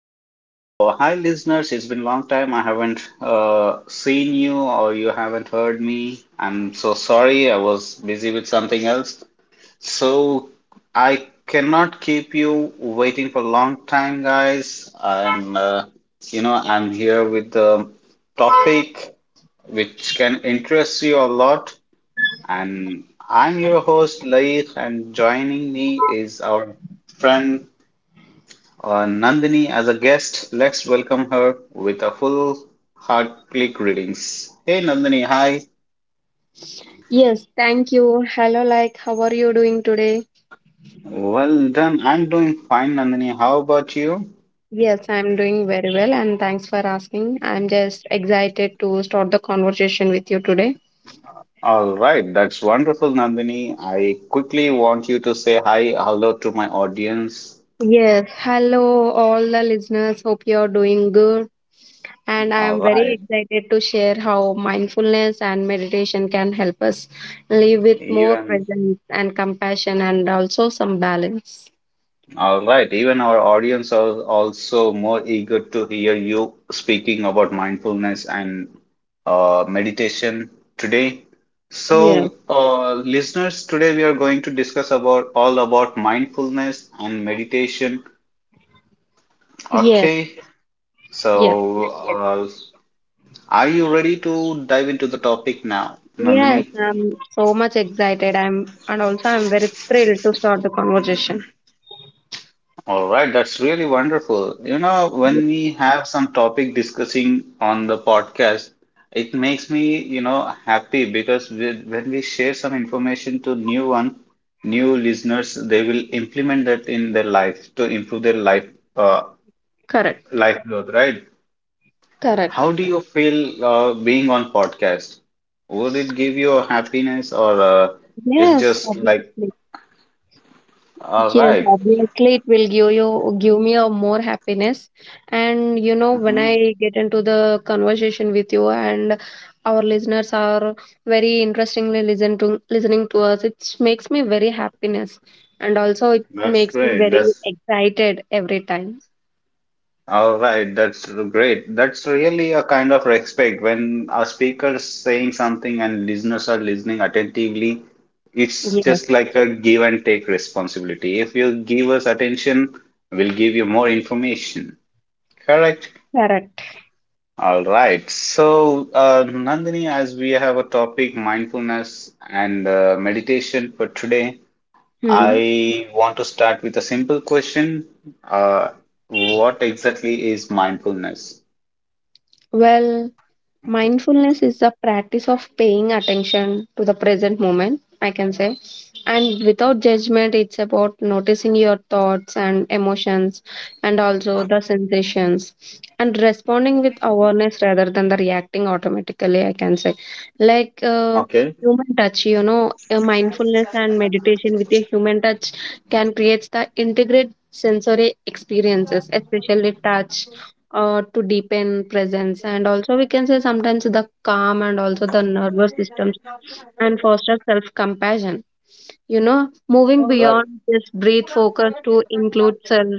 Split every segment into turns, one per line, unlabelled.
welcome all. Hi, listeners. It's been a long time. I haven't seen you or you haven't heard me. I'm so sorry. I was busy with something else. So I cannot keep you waiting for a long time, guys. And I'm here with the topic which can interest you a lot. And I'm your host, Laik, and joining me is our friend Nandini as a guest. Let's welcome her with a full heart click readings. Hey Nandini, hi.
Yes, thank you. Hello, like, how are you doing today?
Well done. I'm doing fine, Nandini. How about you?
Yes, I'm doing very well, and thanks for asking. I'm just excited to start the conversation with you today.
All right, that's wonderful, Nandini. I quickly want you to say hi, hello to my audience.
Yes, hello, all the listeners. Hope you're doing good. And I
All
am very
right.
excited to share how mindfulness and meditation can help us live with
you
more
and
presence and compassion and also some balance.
All right, even our audience are also more eager to hear you speaking about mindfulness and meditation today.
Yes,
So, listeners, today we are going to discuss about all about mindfulness and meditation.
yes,
Okay,
yes.
so are you ready to dive into the topic now,
Yes,
Nandini?
I'm so much excited. I'm and also I'm very thrilled to start the conversation.
All right, that's really wonderful. You know,
Ye-
when we have some topic discussing on the podcast, it makes me, happy because when we share some information to new one, new listeners, they will implement that in their life to improve their life, uh,
Correct,
life growth, right?
correct.
How do you feel being on podcast? Would it give you a happiness or it's
Yes,
just like,
obviously.
all
Yes,
right.
obviously it will give you give me a more happiness. And you know, when
Mhm.
I get into the conversation with you and our listeners are very interestingly listening to us, it makes me very happiness. And also it
That's
makes me
great.
very
That's
excited every time.
All right, that's great. That's really a kind of respect when a speaker is saying something and listeners are listening attentively. It's
Yes,
just like a give and take responsibility. If you give us attention, we'll give you more information. Correct?
correct.
All right. So, Nandini, as we have a topic, mindfulness and meditation for today,
Hmm.
I want to start with a simple question. Uh, what exactly is mindfulness?
Well, mindfulness is the practice of paying attention to the present moment, I can say. And without judgment, it's about noticing your thoughts and emotions and also the sensations and responding with awareness rather than the reacting automatically, I can say. Like uh,
Okay.
Human touch, you know, a mindfulness and meditation with a human touch can create the integrate sensory experiences, especially touch to deepen presence and also we can say sometimes the calm and also the nervous systems and foster self compassion, you know, moving
Right.
beyond this breathe focus to include self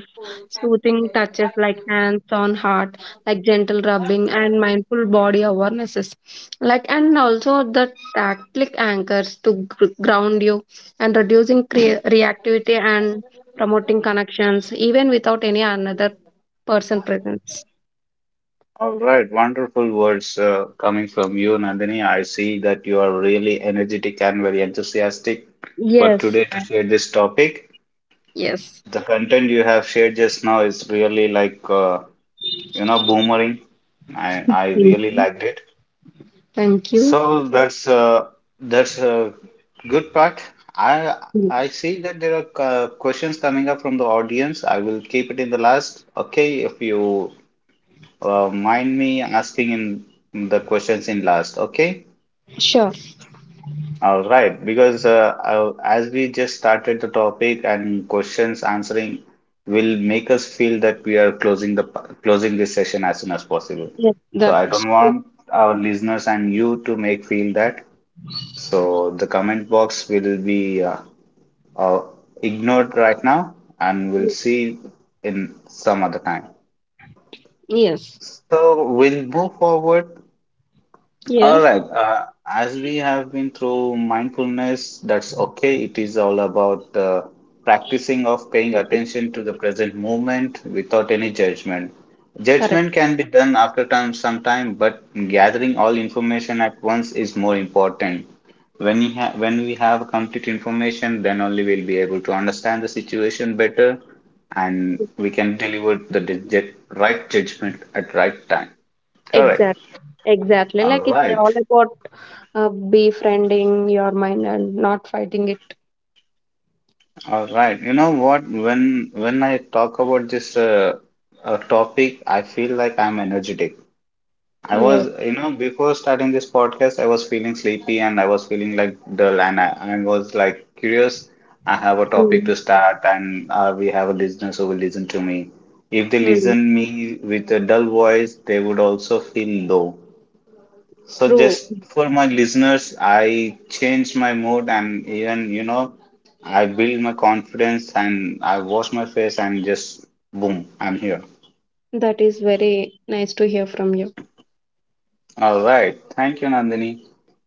soothing touches like hands on heart, like gentle rubbing and mindful body awarenesses, like and also the tactile anchors to ground you and reducing reactivity and promoting connections even without any another person presence.
All right. Wonderful words coming from you, Nandini. I see that you are really energetic and very enthusiastic for
Yes.
today to
I-
share this topic.
Yes.
The content you have shared just now is really like, boomerang. I
Mm,
really liked it.
Thank you.
So that's a good part. I
Mm,
I see that there are questions coming up from the audience. I will keep it in the last. Okay, if you mind me asking in the questions in last, okay?
Sure.
All right, because as we just started the topic and questions answering will make us feel that we are closing this session as soon as possible.
Yes.
So I
That's
don't
true.
want our listeners and you to make feel that. So the comment box will be uh, ignored right now, and we'll
Mm,
see in some other time.
yes.
So we'll move forward. All
Yes.
right. As we have been through mindfulness, that's okay. It is all about the practicing of paying
That is
attention to the present moment without any judgment.
correct.
Judgment can be done after time, some time, but gathering all information at once is more important. When we have complete information, then only we'll be able to understand the situation better and we can deliver the right judgment at right time. Correct.
Exactly. Exactly.
All
Like it's
right.
all about uh, befriending your mind and not fighting it.
All right. You know what? When I talk about this topic, I feel like I'm energetic. I
Yes.
was, you know, before starting this podcast, I was feeling sleepy and I was feeling like dull, and I was like curious. I have a topic
Mm.
to start, and we have a listeners who will listen to me. If they
Mm.
listen me with a dull voice, they would also feel low. So
True.
just for my listeners, I changed my mood and even, you know, I build my confidence and I wash my face and just boom, I'm here.
That is very nice to hear from you.
All right. Thank you, Nandini.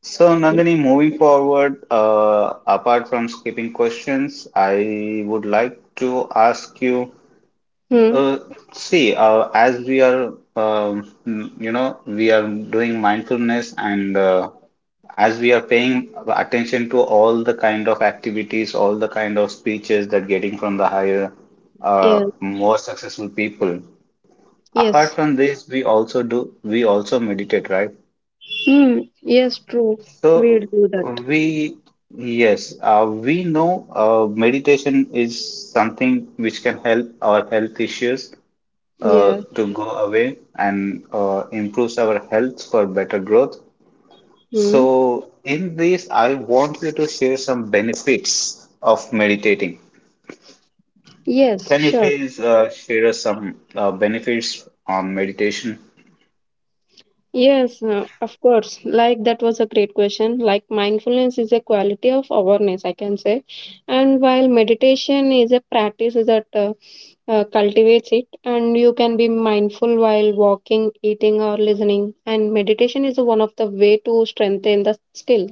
So,
Yes.
Nandini, moving forward, apart from skipping questions, I would like to ask you.
Mm.
uh, See, as we are, you know, we are doing mindfulness and as we are paying attention to all the kind of activities, all the kind of speeches that getting from the higher,
Yes.
more successful people. Apart
Yes.
from this, we also meditate, right?
Hmm. Yes. True.
So
We'll do that.
we Yes, we know meditation is something which can help our health issues
Yes.
to go away and improves our health for better growth.
Hmm.
So, in this, I want you to share some benefits of meditating.
Yes.
Can you
Sure.
please share us some benefits on meditation?
Yes, of course. Like that was a great question. Like mindfulness is a quality of awareness, I can say, and while meditation is a practice that cultivates it, and you can be mindful while walking, eating, or listening. And meditation is one of the way to strengthen the skill.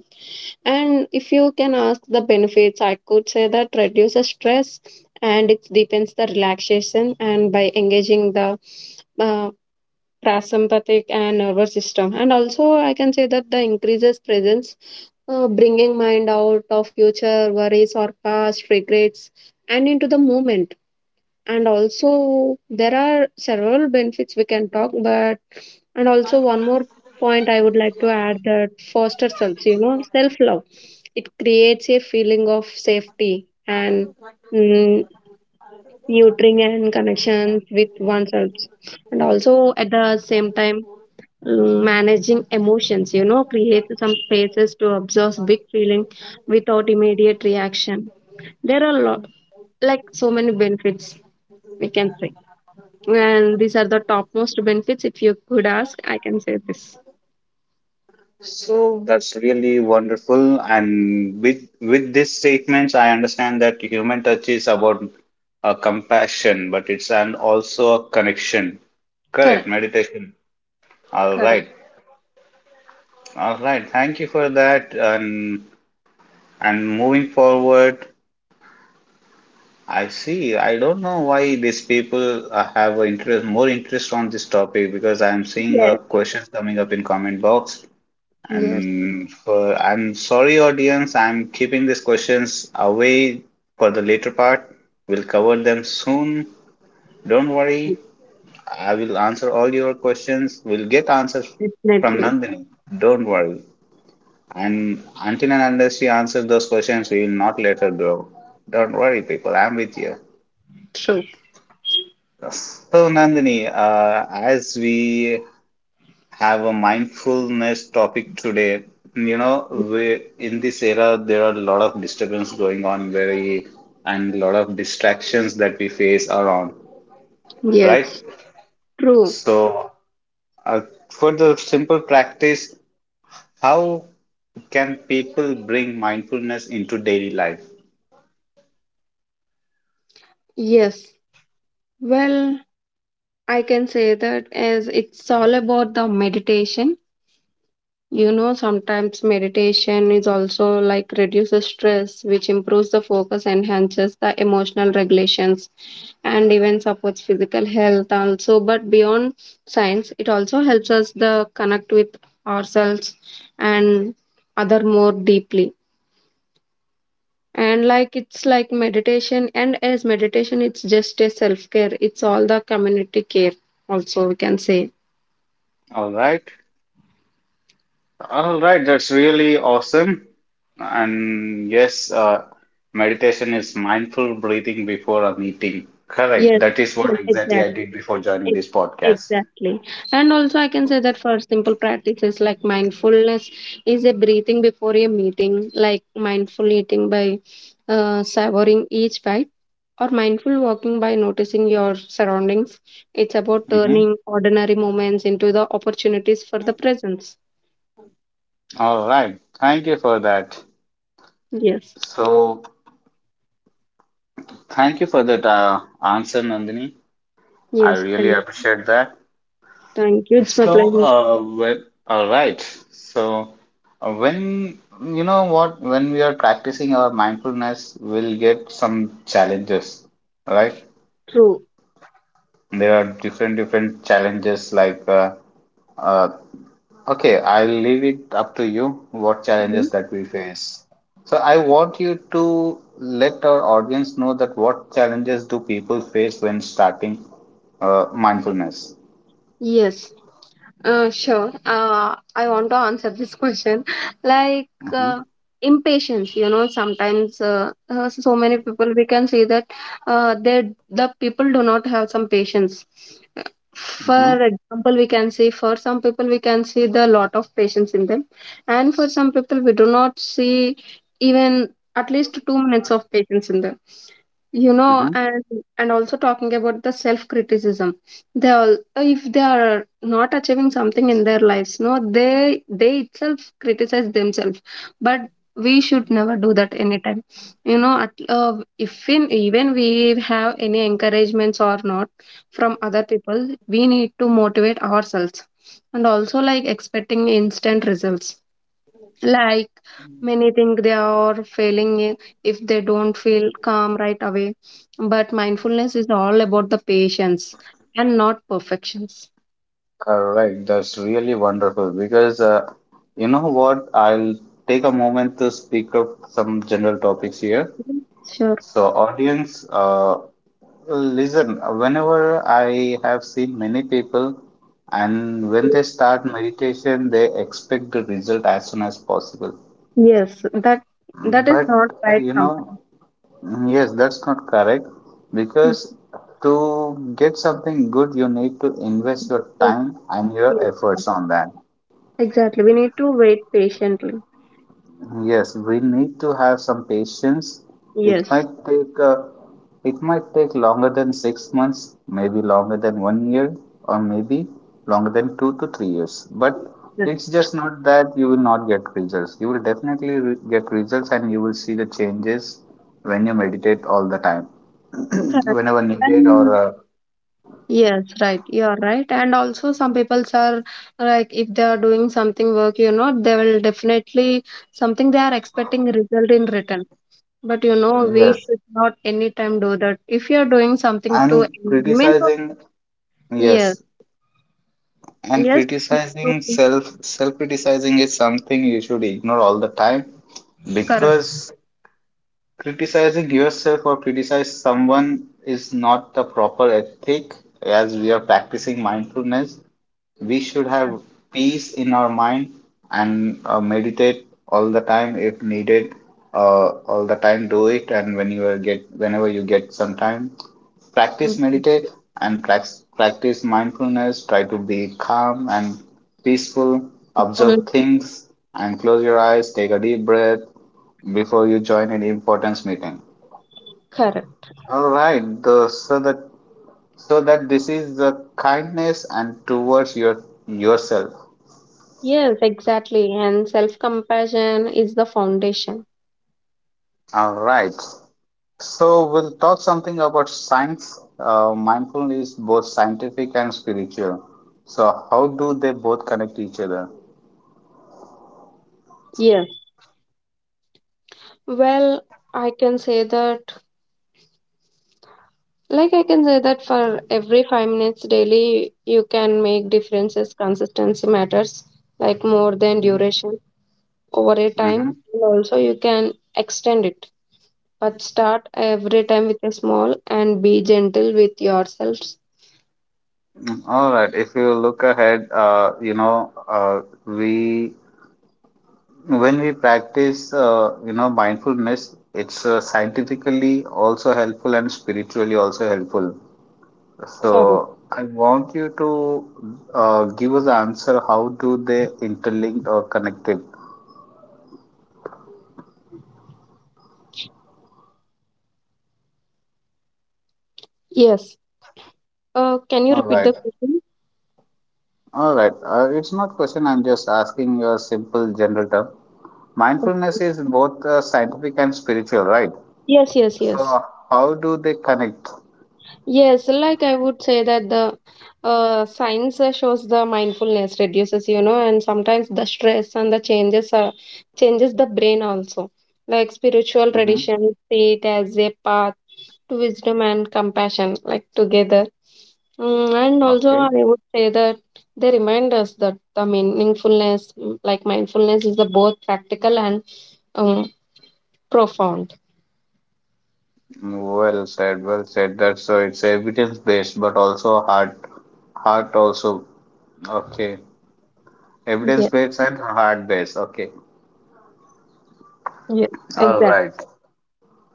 And if you can ask the benefits, I could say that reduces stress and it deepens the relaxation, and by engaging the uh, parasympathetic and nervous system, and also I can say that the increases presence, bringing mind out of future worries or past regrets and into the moment. And also there are several benefits we can talk, but and also one more point I would like to add that foster self, you know, self love, it creates a feeling of safety and, mm, nurturing and connections with oneself. And also at the same time, managing emotions, you know, create some spaces to observe big feeling without immediate reaction. There are lot, like so many benefits we can say, and these are the topmost benefits if you could ask, I can say this.
So that's really wonderful. And with these statements, I understand that human touch is about a compassion, but it's an also a connection. Correct,
Correct,
meditation. All
correct.
right, all right. Thank you for that. And moving forward. I see. I don't know why these people have a interest, more interest on this topic because I'm seeing
Yes,
questions coming up in comment box.
yes,
And for, I'm sorry, audience. I'm keeping these questions away for the later part. We'll cover them soon. Don't worry. I will answer all your questions. We'll get answers from
definitely.
Nandini. Don't worry. And until and unless she answers those questions, we will not let her go. Don't worry, people. I'm with you.
True.
So, Nandini, as we have a mindfulness topic today, you know, we, in this era, there are a lot of disturbance going on, very and a lot of distractions that we face around, right?
Yes, true.
So, uh, for the simple practice, how can people bring mindfulness into daily life?
Yes, well, I can say that as it's all about the meditation. You know, sometimes meditation is also like reduces stress, which improves the focus, enhances the emotional regulations, and even supports physical health also. But beyond science, it also helps us the connect with ourselves and other more deeply. And like it's like meditation, and as meditation, it's just a self care. It's all the community care, also we can say.
All right. All right, that's really awesome. And yes, meditation is mindful breathing before a meeting. Correct.
Yes,
That is
yes,
what exactly I
exactly.
did before joining
Ex-
this podcast.
Exactly. And also, I can say that for simple practices like mindfulness is a breathing before a meeting, like mindful eating by savoring each bite, or mindful walking by noticing your surroundings. It's about
Mhm.
turning ordinary moments into the opportunities for the presence.
All right. Thank you for that.
Yes.
So, thank you for that answer, Nandini. I
Yes.
really appreciate that.
Thank you. It's my
So,
pleasure.
well, all right. So, when you know what, when we are practicing our mindfulness, we'll get some challenges, right?
True.
There are different challenges like uh, okay, I'll leave it up to you what
Mhm.
challenges that we face. So I want you to let our audience know that what challenges do people face when starting mindfulness.
Yes. Sure. I want to answer this question. Like
Mm-hmm,
uh, Impatience, you know, sometimes so many people we can see that the people do not have some patience. Uh,
mm-hmm,
For example, we can see for some people we can see the lot of patience in them, and for some people we do not see even at least 2 minutes of patience in them, you know.
mm-hmm.
And also talking about the self criticism, they all if they are not achieving something in their lives, no, they itself criticize themselves, but we should never do that anytime, you know, if in even we have any encouragements or not from other people we need to motivate ourselves. And also like expecting instant results, like many think they are failing if they don't feel calm right away, but mindfulness is all about the patience and not perfections.
Correct. That's really wonderful because you know what? I'll take a moment to speak up some general topics here.
Mhm. Sure.
So, audience, listen, whenever I have seen many people, and when they start meditation, they expect the result as soon as possible.
Yes, that, that is
But
not
uh,
right
you know,
sometimes.
mm, yes, that's not correct because
Mhm.
to get something good, you need to invest your time and your
Okay.
efforts on that.
Exactly, we need to wait patiently.
Yes, we need to have some patience. It
Yes,
might take uh, it might take longer than 6 months, maybe longer than one year, or maybe longer than 2 to 3 years. But
that's
it's just not that you will not get results. You will definitely re get results, and you will see the changes when you meditate all the time,
correct.
whenever needed, or
And yes, right. You are right. And also, some people are like, if they are doing something work, you know, they will definitely something they are expecting result in return. But you know, we
yes.
should not anytime do that. If you are doing something to
And
environment,
criticizing,
yes,
yes. And
yes,
criticizing,
to-
self criticizing is something you should ignore all the time
correct.
because criticizing yourself or criticize someone is not the proper ethic. As we are practicing mindfulness, we should
Correct.
have peace in our mind and meditate all the time if needed. All the time do it, and whenever you get some time, practice
Mhm.
meditate and practice mindfulness. Try to be calm and peaceful, observe
People-
things, and close your eyes, take a deep breath before you join any importance meeting.
Correct.
All right. So that this is the kindness and towards yourself.
Yes, exactly. And self compassion is the foundation.
All right. So we'll talk something about science. Mindfulness is both scientific and spiritual. So how do they both connect each other?
Yes. Well, I can say that like I can say that for every 5 minutes daily you can make differences, consistency matters, like more than
Mm-hmm.
duration over a time.
Mm-hmm.
And also you can extend it, but start every time with a small and be gentle with yourselves.
All right. If you look ahead, we when we practice, mindfulness, it's scientifically also helpful and spiritually also helpful.
Sorry.
So I want you to give us the answer. How do they interlinked or connected?
Yes, can you
All
repeat
right.
the question?
All right. It's not question. I'm just asking a simple general term. Mindfulness is both scientific and spiritual, right?
Yes, yes, yes.
So how do they connect?
Yes, like I would say that the science shows the mindfulness reduces, you know, and sometimes the stress and the changes the brain also. Like spiritual
Mm-hmm.
traditions see it as a path to wisdom and compassion, like together. And also,
Okay.
I would say that they remind us that the meaningfulness, like mindfulness, is the both practical and um, profound.
Well said. Well said. That's so it's evidence based, but also heart also. Okay. Evidence
Yeah,
based and heart based. Okay.
yeah,
All
exactly.
right.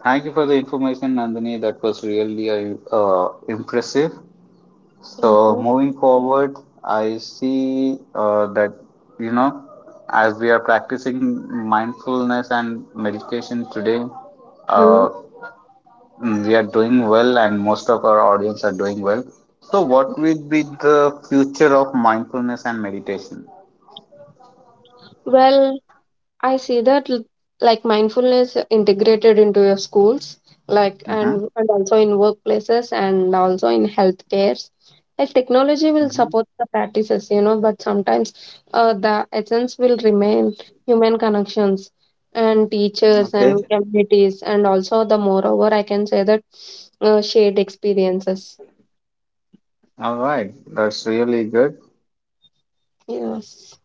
Thank you for the information, Nandini. That was really impressive.
Thank
So
you.
moving forward, I see that, you know, as we are practicing mindfulness and meditation today,
Mhm.
uh, we are doing well, and most of our audience are doing well. So, what will be the future of mindfulness and meditation?
Well, I see that like mindfulness integrated into your schools, like
Mm-hmm.
and and also in workplaces and also in healthcares. Like technology will
Mm-hmm.
support the practices, you know, but sometimes the essence will remain human connections and teachers
Okay.
and communities and also the moreover I can say that shared experiences.
All right. That's really good.
Yes,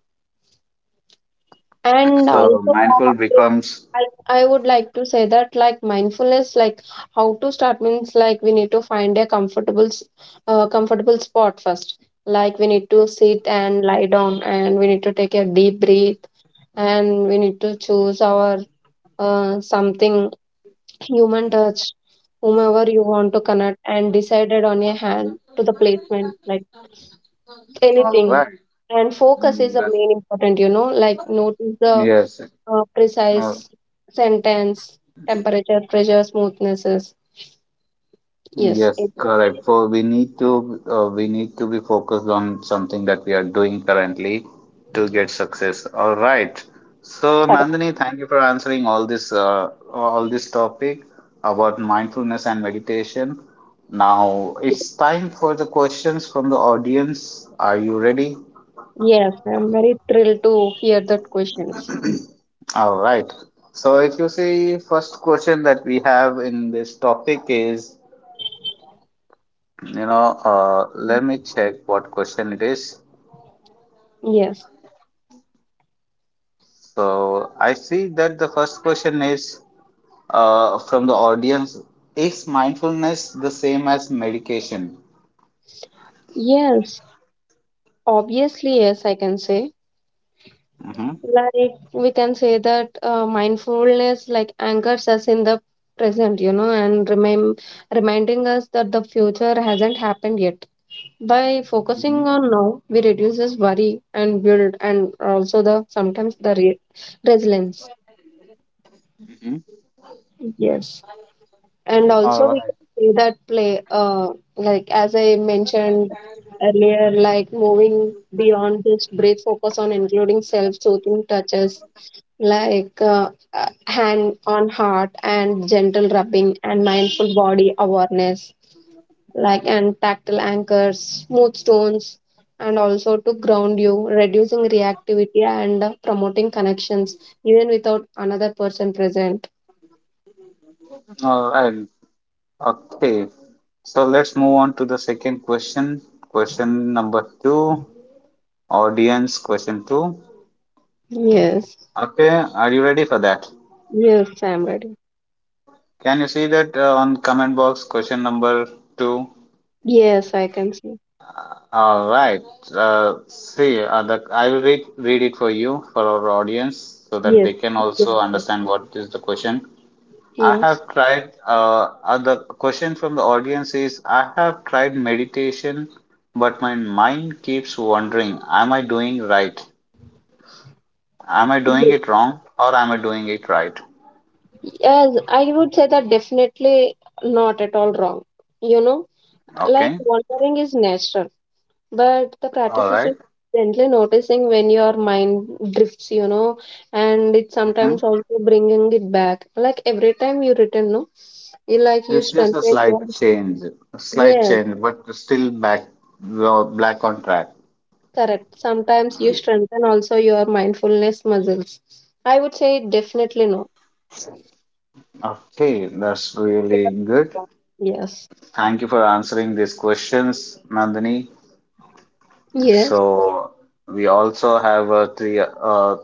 and
So,
also uh,
mindful becomes
I would like to say that like mindfulness, like how to start means like we need to find a comfortable spot first, like we need to sit and lie down and we need to take a deep breath and we need to choose our something human touch, whomever you want to connect, and decided on your hand to the placement, like
all
anything.
right.
And focus is
Mm,
a
that-
main important, you know, like notice the
yes. Uh,
precise sentence, temperature, pressure, smoothnesses. Yes,
Yes,
it's
correct. For we need to be focused on something that we are doing currently to get success. All right. So
correct.
Nandini, thank you for answering all this topic about mindfulness and meditation. Now it's time for the questions from the audience. Are you ready?
Yes, I'm very thrilled to hear that questions.
All right. So if you see, first question that we have in this topic is,
Mhm.
let me check what question it is.
Yes,
So I see that the first question is from the audience: Is mindfulness the same as medication?
yes, obviously, yes, I can say.
Mm-hmm.
Like we can say that mindfulness like anchors us in the present, you know, and remain reminding us that the future hasn't happened yet. By focusing
Mm-hmm.
on now, we reduces worry and build, and also the sometimes the resilience.
Mm-hmm.
Yes, and
All
also we
right.
can say that play, like as I mentioned earlier, like moving beyond just brief focus on including self-soothing touches like hand on heart and gentle rubbing and mindful body awareness, like and tactile anchors, smooth stones, and also to ground you, reducing reactivity and promoting connections even without another person present.
All right. Okay. So let's move on to the second question. Question number two. Audience question two.
Yes.
Okay. Are you ready for that?
Yes, I'm ready.
Can you see that on comment box? Question number two.
Yes, I can see.
All right. I will read it for you for our audience so that
Yes.
they can also understand what is the question. I
Yes.
have tried. The question from the audience is: I have tried meditation, but my mind keeps wondering: Am I doing right? Am I doing it wrong, or am I doing it right?
Yes, I would say that definitely not at all wrong. You know, like
Okay.
wandering is natural, but the
All
practice is
right.
gently noticing when your mind drifts, you know, and it's
Mhm.
sometimes also bringing it back. Like every time you return, no, you like you
It's just
strengthen your,
a slight
yes,
change, but still back, black on track.
correct. Sometimes you strengthen also your mindfulness muscles. I would say definitely no.
Okay, that's really good.
Yes.
Thank you for answering these questions, Nandini.
Yes.
So we also have uh, three uh,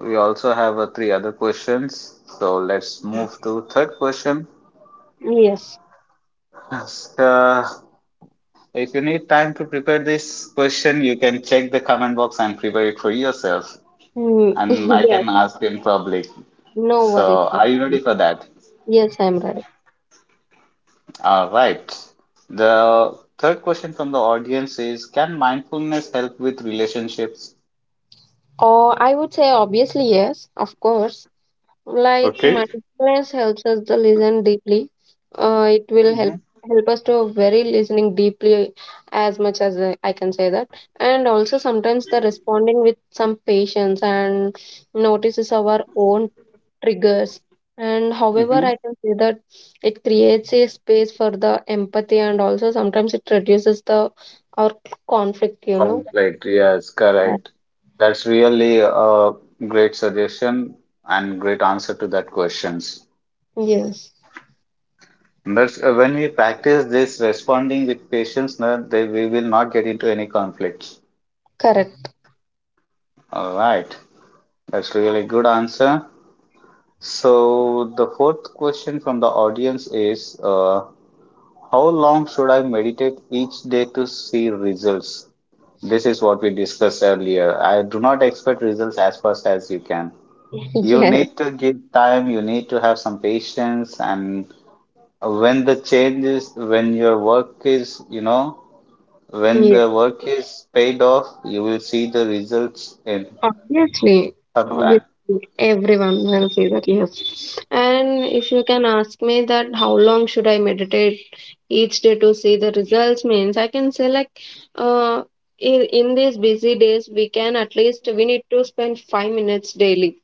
we also have uh, three other questions. So let's move to third question.
Yes.
Uh, if you need time to prepare this question, you can check the comment box and prepare it for yourself.
Mm,
And I
yes.
can ask in public.
No worries.
So are you ready for that?
Yes, I'm right.
All right. The third question from the audience is: Can mindfulness help with relationships?
Or I would say obviously yes, of course. Like
Okay.
mindfulness helps us to listen deeply. It will help
Mm-hmm.
help us to very listening deeply as much as I can say that. And also sometimes the responding with some patience and notices our own triggers. And however,
Mm-hmm.
I can say that it creates a space for the empathy and also sometimes it reduces the our conflict, you know.
Conflict, yes,
Uh,
correct. That's really a great suggestion and great answer to that questions.
Yes,
That's when we practice this responding with patience, then they, we will not get into any conflicts.
correct.
All right, that's really good answer. So the fourth question from the audience is, How long should I meditate each day to see results? This is what we discussed earlier. I do not expect results as fast as you can. You
Yes,
need to give time, you need to have some patience, and when your work is, you know, when
yes.
the work is paid off, you will see the results in
Obviously,
some time.
obviously, everyone will say that, yes. And if you can ask me that how long should I meditate each day to see the results means, I can say like uh in these busy days we can at least we need to spend 5 minutes daily,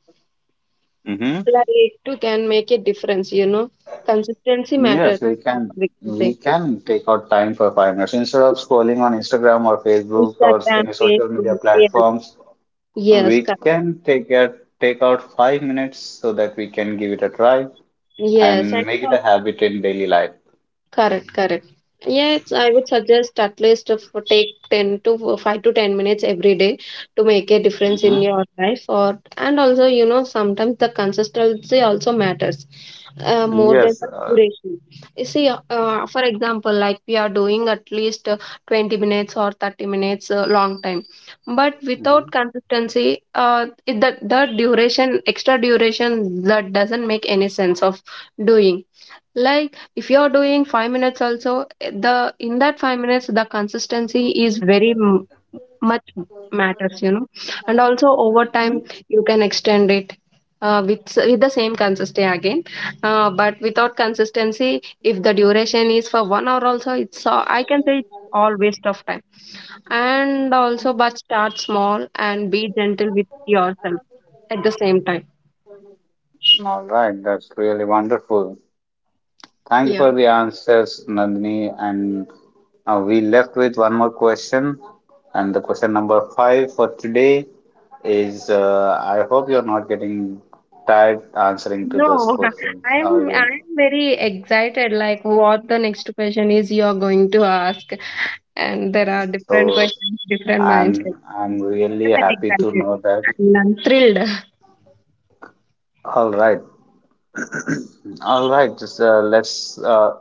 Hmm.
like to can make a difference, you know, consistency matters,
Yes, we can.
we can
We
say.
can take out time for 5 minutes instead of scrolling on Instagram or Facebook or
Instagram,
any social
Facebook.
media
Yes,
platforms.
yes,
We
correct.
can take out 5 minutes so that we can give it a try
Yes, and
and make it a
also
habit in daily life.
correct, correct. Yeah, it's, I would suggest at least if you take 10 to 5 to 10 minutes every day to make a difference in
Mm-hmm.
your life. Or and also you know sometimes the consistency also matters more than
Yes.
the duration. You see for example like we are doing at least 20 minutes or 30 minutes long time, but
Mhm.
without consistency the duration, extra duration, that doesn't make any sense of doing. Like if you're doing 5 minutes also, eh, the in that 5 minutes the consistency is very much matters, you know. And also over time you can extend it with the same consistency again. But without consistency, if the duration is for 1 hour also, it's I can say it's all waste of time. And also but start small and be gentle with yourself at the same time.
All right. That's really wonderful. Thank you
Yeah.
for the answers, Nandini. And we left with one more question. And the question number five for today is I hope you're not getting tired answering to this
No,
question. Are
I'm
you?
I'm very excited. Like what the next question is you're going to ask, and there are different
So
questions, different
I'm
mindsets.
I'm really
I'm very
happy to
excited.
know that.
And I'm thrilled.
All right. All right. Just let's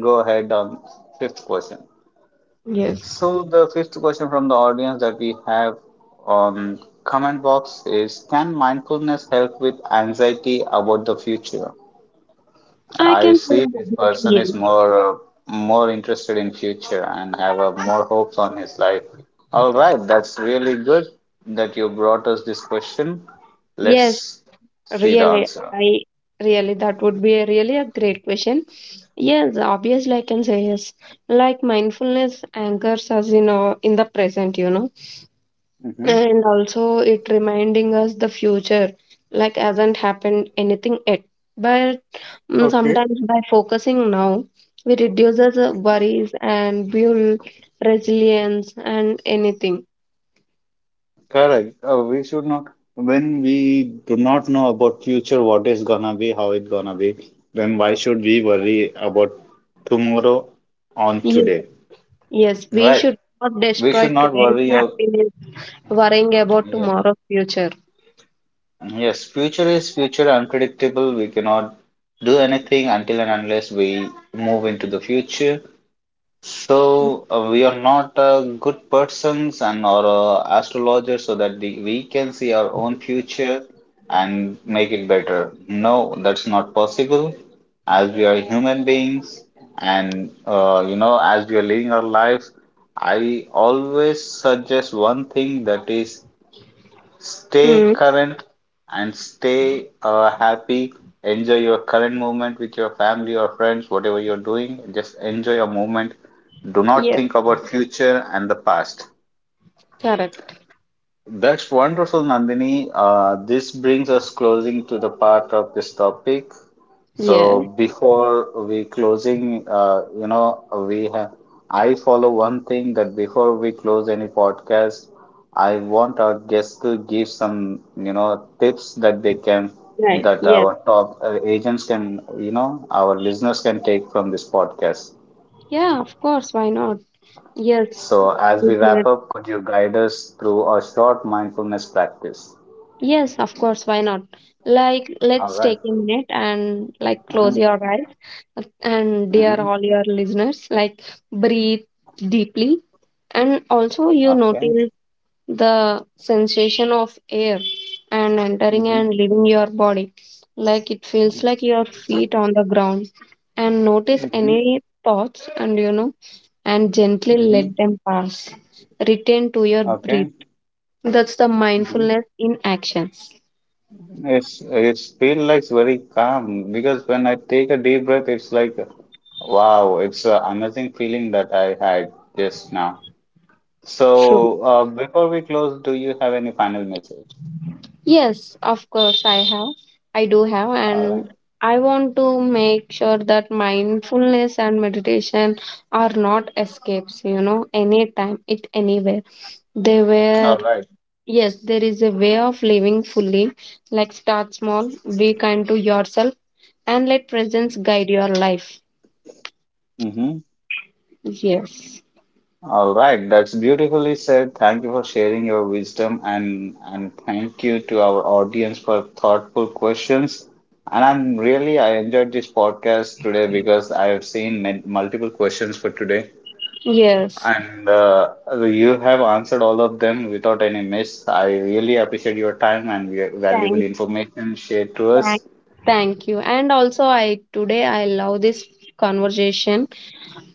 go ahead on fifth question.
Yes,
So the fifth question from the audience that we have on comment box is: can mindfulness help with anxiety about the future?
I
I
can say
see this
obviously
person
yes.
is more more interested in future and have more hopes on his life. All right, that's really good that you brought us this question.
Yes,
Let's see the
really,
answer.
I really that would be a really a great question. Yes, obviously I can say yes. Like mindfulness anchors us in our in the present, you know, and also it reminding us the future like hasn't happened anything yet. but
Okay.
Sometimes by focusing now we reduces worries and build resilience and anything.
Correct. We should not, when we do not know about future, what is gonna be, how it gonna be, then why should we worry about tomorrow on
Yes,
today?
yes, we
Right.
should not
We
destroy
should not
today's
worry. Of,
happiness worrying about
yeah.
tomorrow's future.
Yes, future is future unpredictable. We cannot do anything until and unless we move into the future. So we are not good persons and or astrologers so that we can see our own future and make it better. No, that's not possible. As we are human beings and you know as we are living our life, I always suggest one thing that is stay
Mm,
current and stay happy. Enjoy your current moment with your family or friends, whatever you're doing. Just enjoy your moment. Do not
yes,
think about future and the past.
correct.
That's wonderful, Nandini. This brings us closing to the part of this topic. So
Yes,
before we closing, you know, we have I follow one thing that before we close any podcast, I want our guests to give some, you know, tips that they can
right.
that
Yes,
our top agents can, you know, our listeners can take from this podcast.
yeah, of course, why not? Yes.
So as we wrap
Mhm.
up, could you guide us through a short mindfulness practice?
Yes, of course, why not? Like,
All
let's
right.
take a minute and like close
Mm-hmm.
your eyes. And dear
Mm-hmm.
all your listeners, like breathe deeply and also you
Okay.
notice the sensation of air and entering
Mm-hmm.
and leaving your body. Like it feels like your feet on the ground and notice
Mm-hmm.
any thoughts, and you know, and gently
Mm-hmm.
let them pass. Return to your breath.
Okay.
That's the
Mm-hmm.
mindfulness in actions.
It's feel like very calm because when I take a deep breath, it's like wow, it's an amazing feeling that I had just now.
True.
So before we close, do you have any final message?
Yes, of course I have. I do have.
All right.
And I want to make sure that mindfulness and meditation are not escapes, you know, anytime, it anywhere. They were,
All
yes, there is a way of living fully. Like start small, be kind to yourself, and let presence guide your life.
right.
Yes,
All right, that's beautifully said. Thank you for sharing your wisdom and thank you to our audience for thoughtful questions. And I'm really I enjoyed this podcast today because I have seen many, multiple questions for today,
yes.
and you have answered all of them without any miss. I really appreciate your time and your valuable
Thanks,
information shared to us.
Thank. Thank you. And also, I today I love this conversation.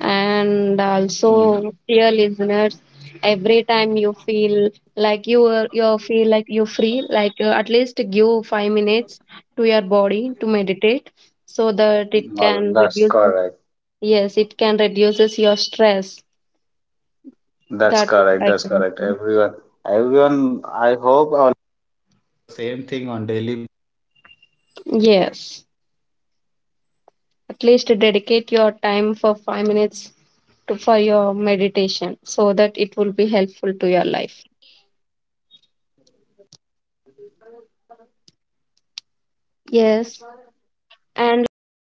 And also
Mm,
dear listeners, every time you feel like you feel like you free, like at least give 5 minutes to your body to meditate so that it can
well, that's
reduce.
correct.
Yes, it can reduces your stress.
That's
That what
correct.
I
That's
can
correct.
do.
Everyone, everyone.
Yes, at least dedicate your time for 5 minutes to for your meditation so that it will be helpful to your life. Yes. And like thank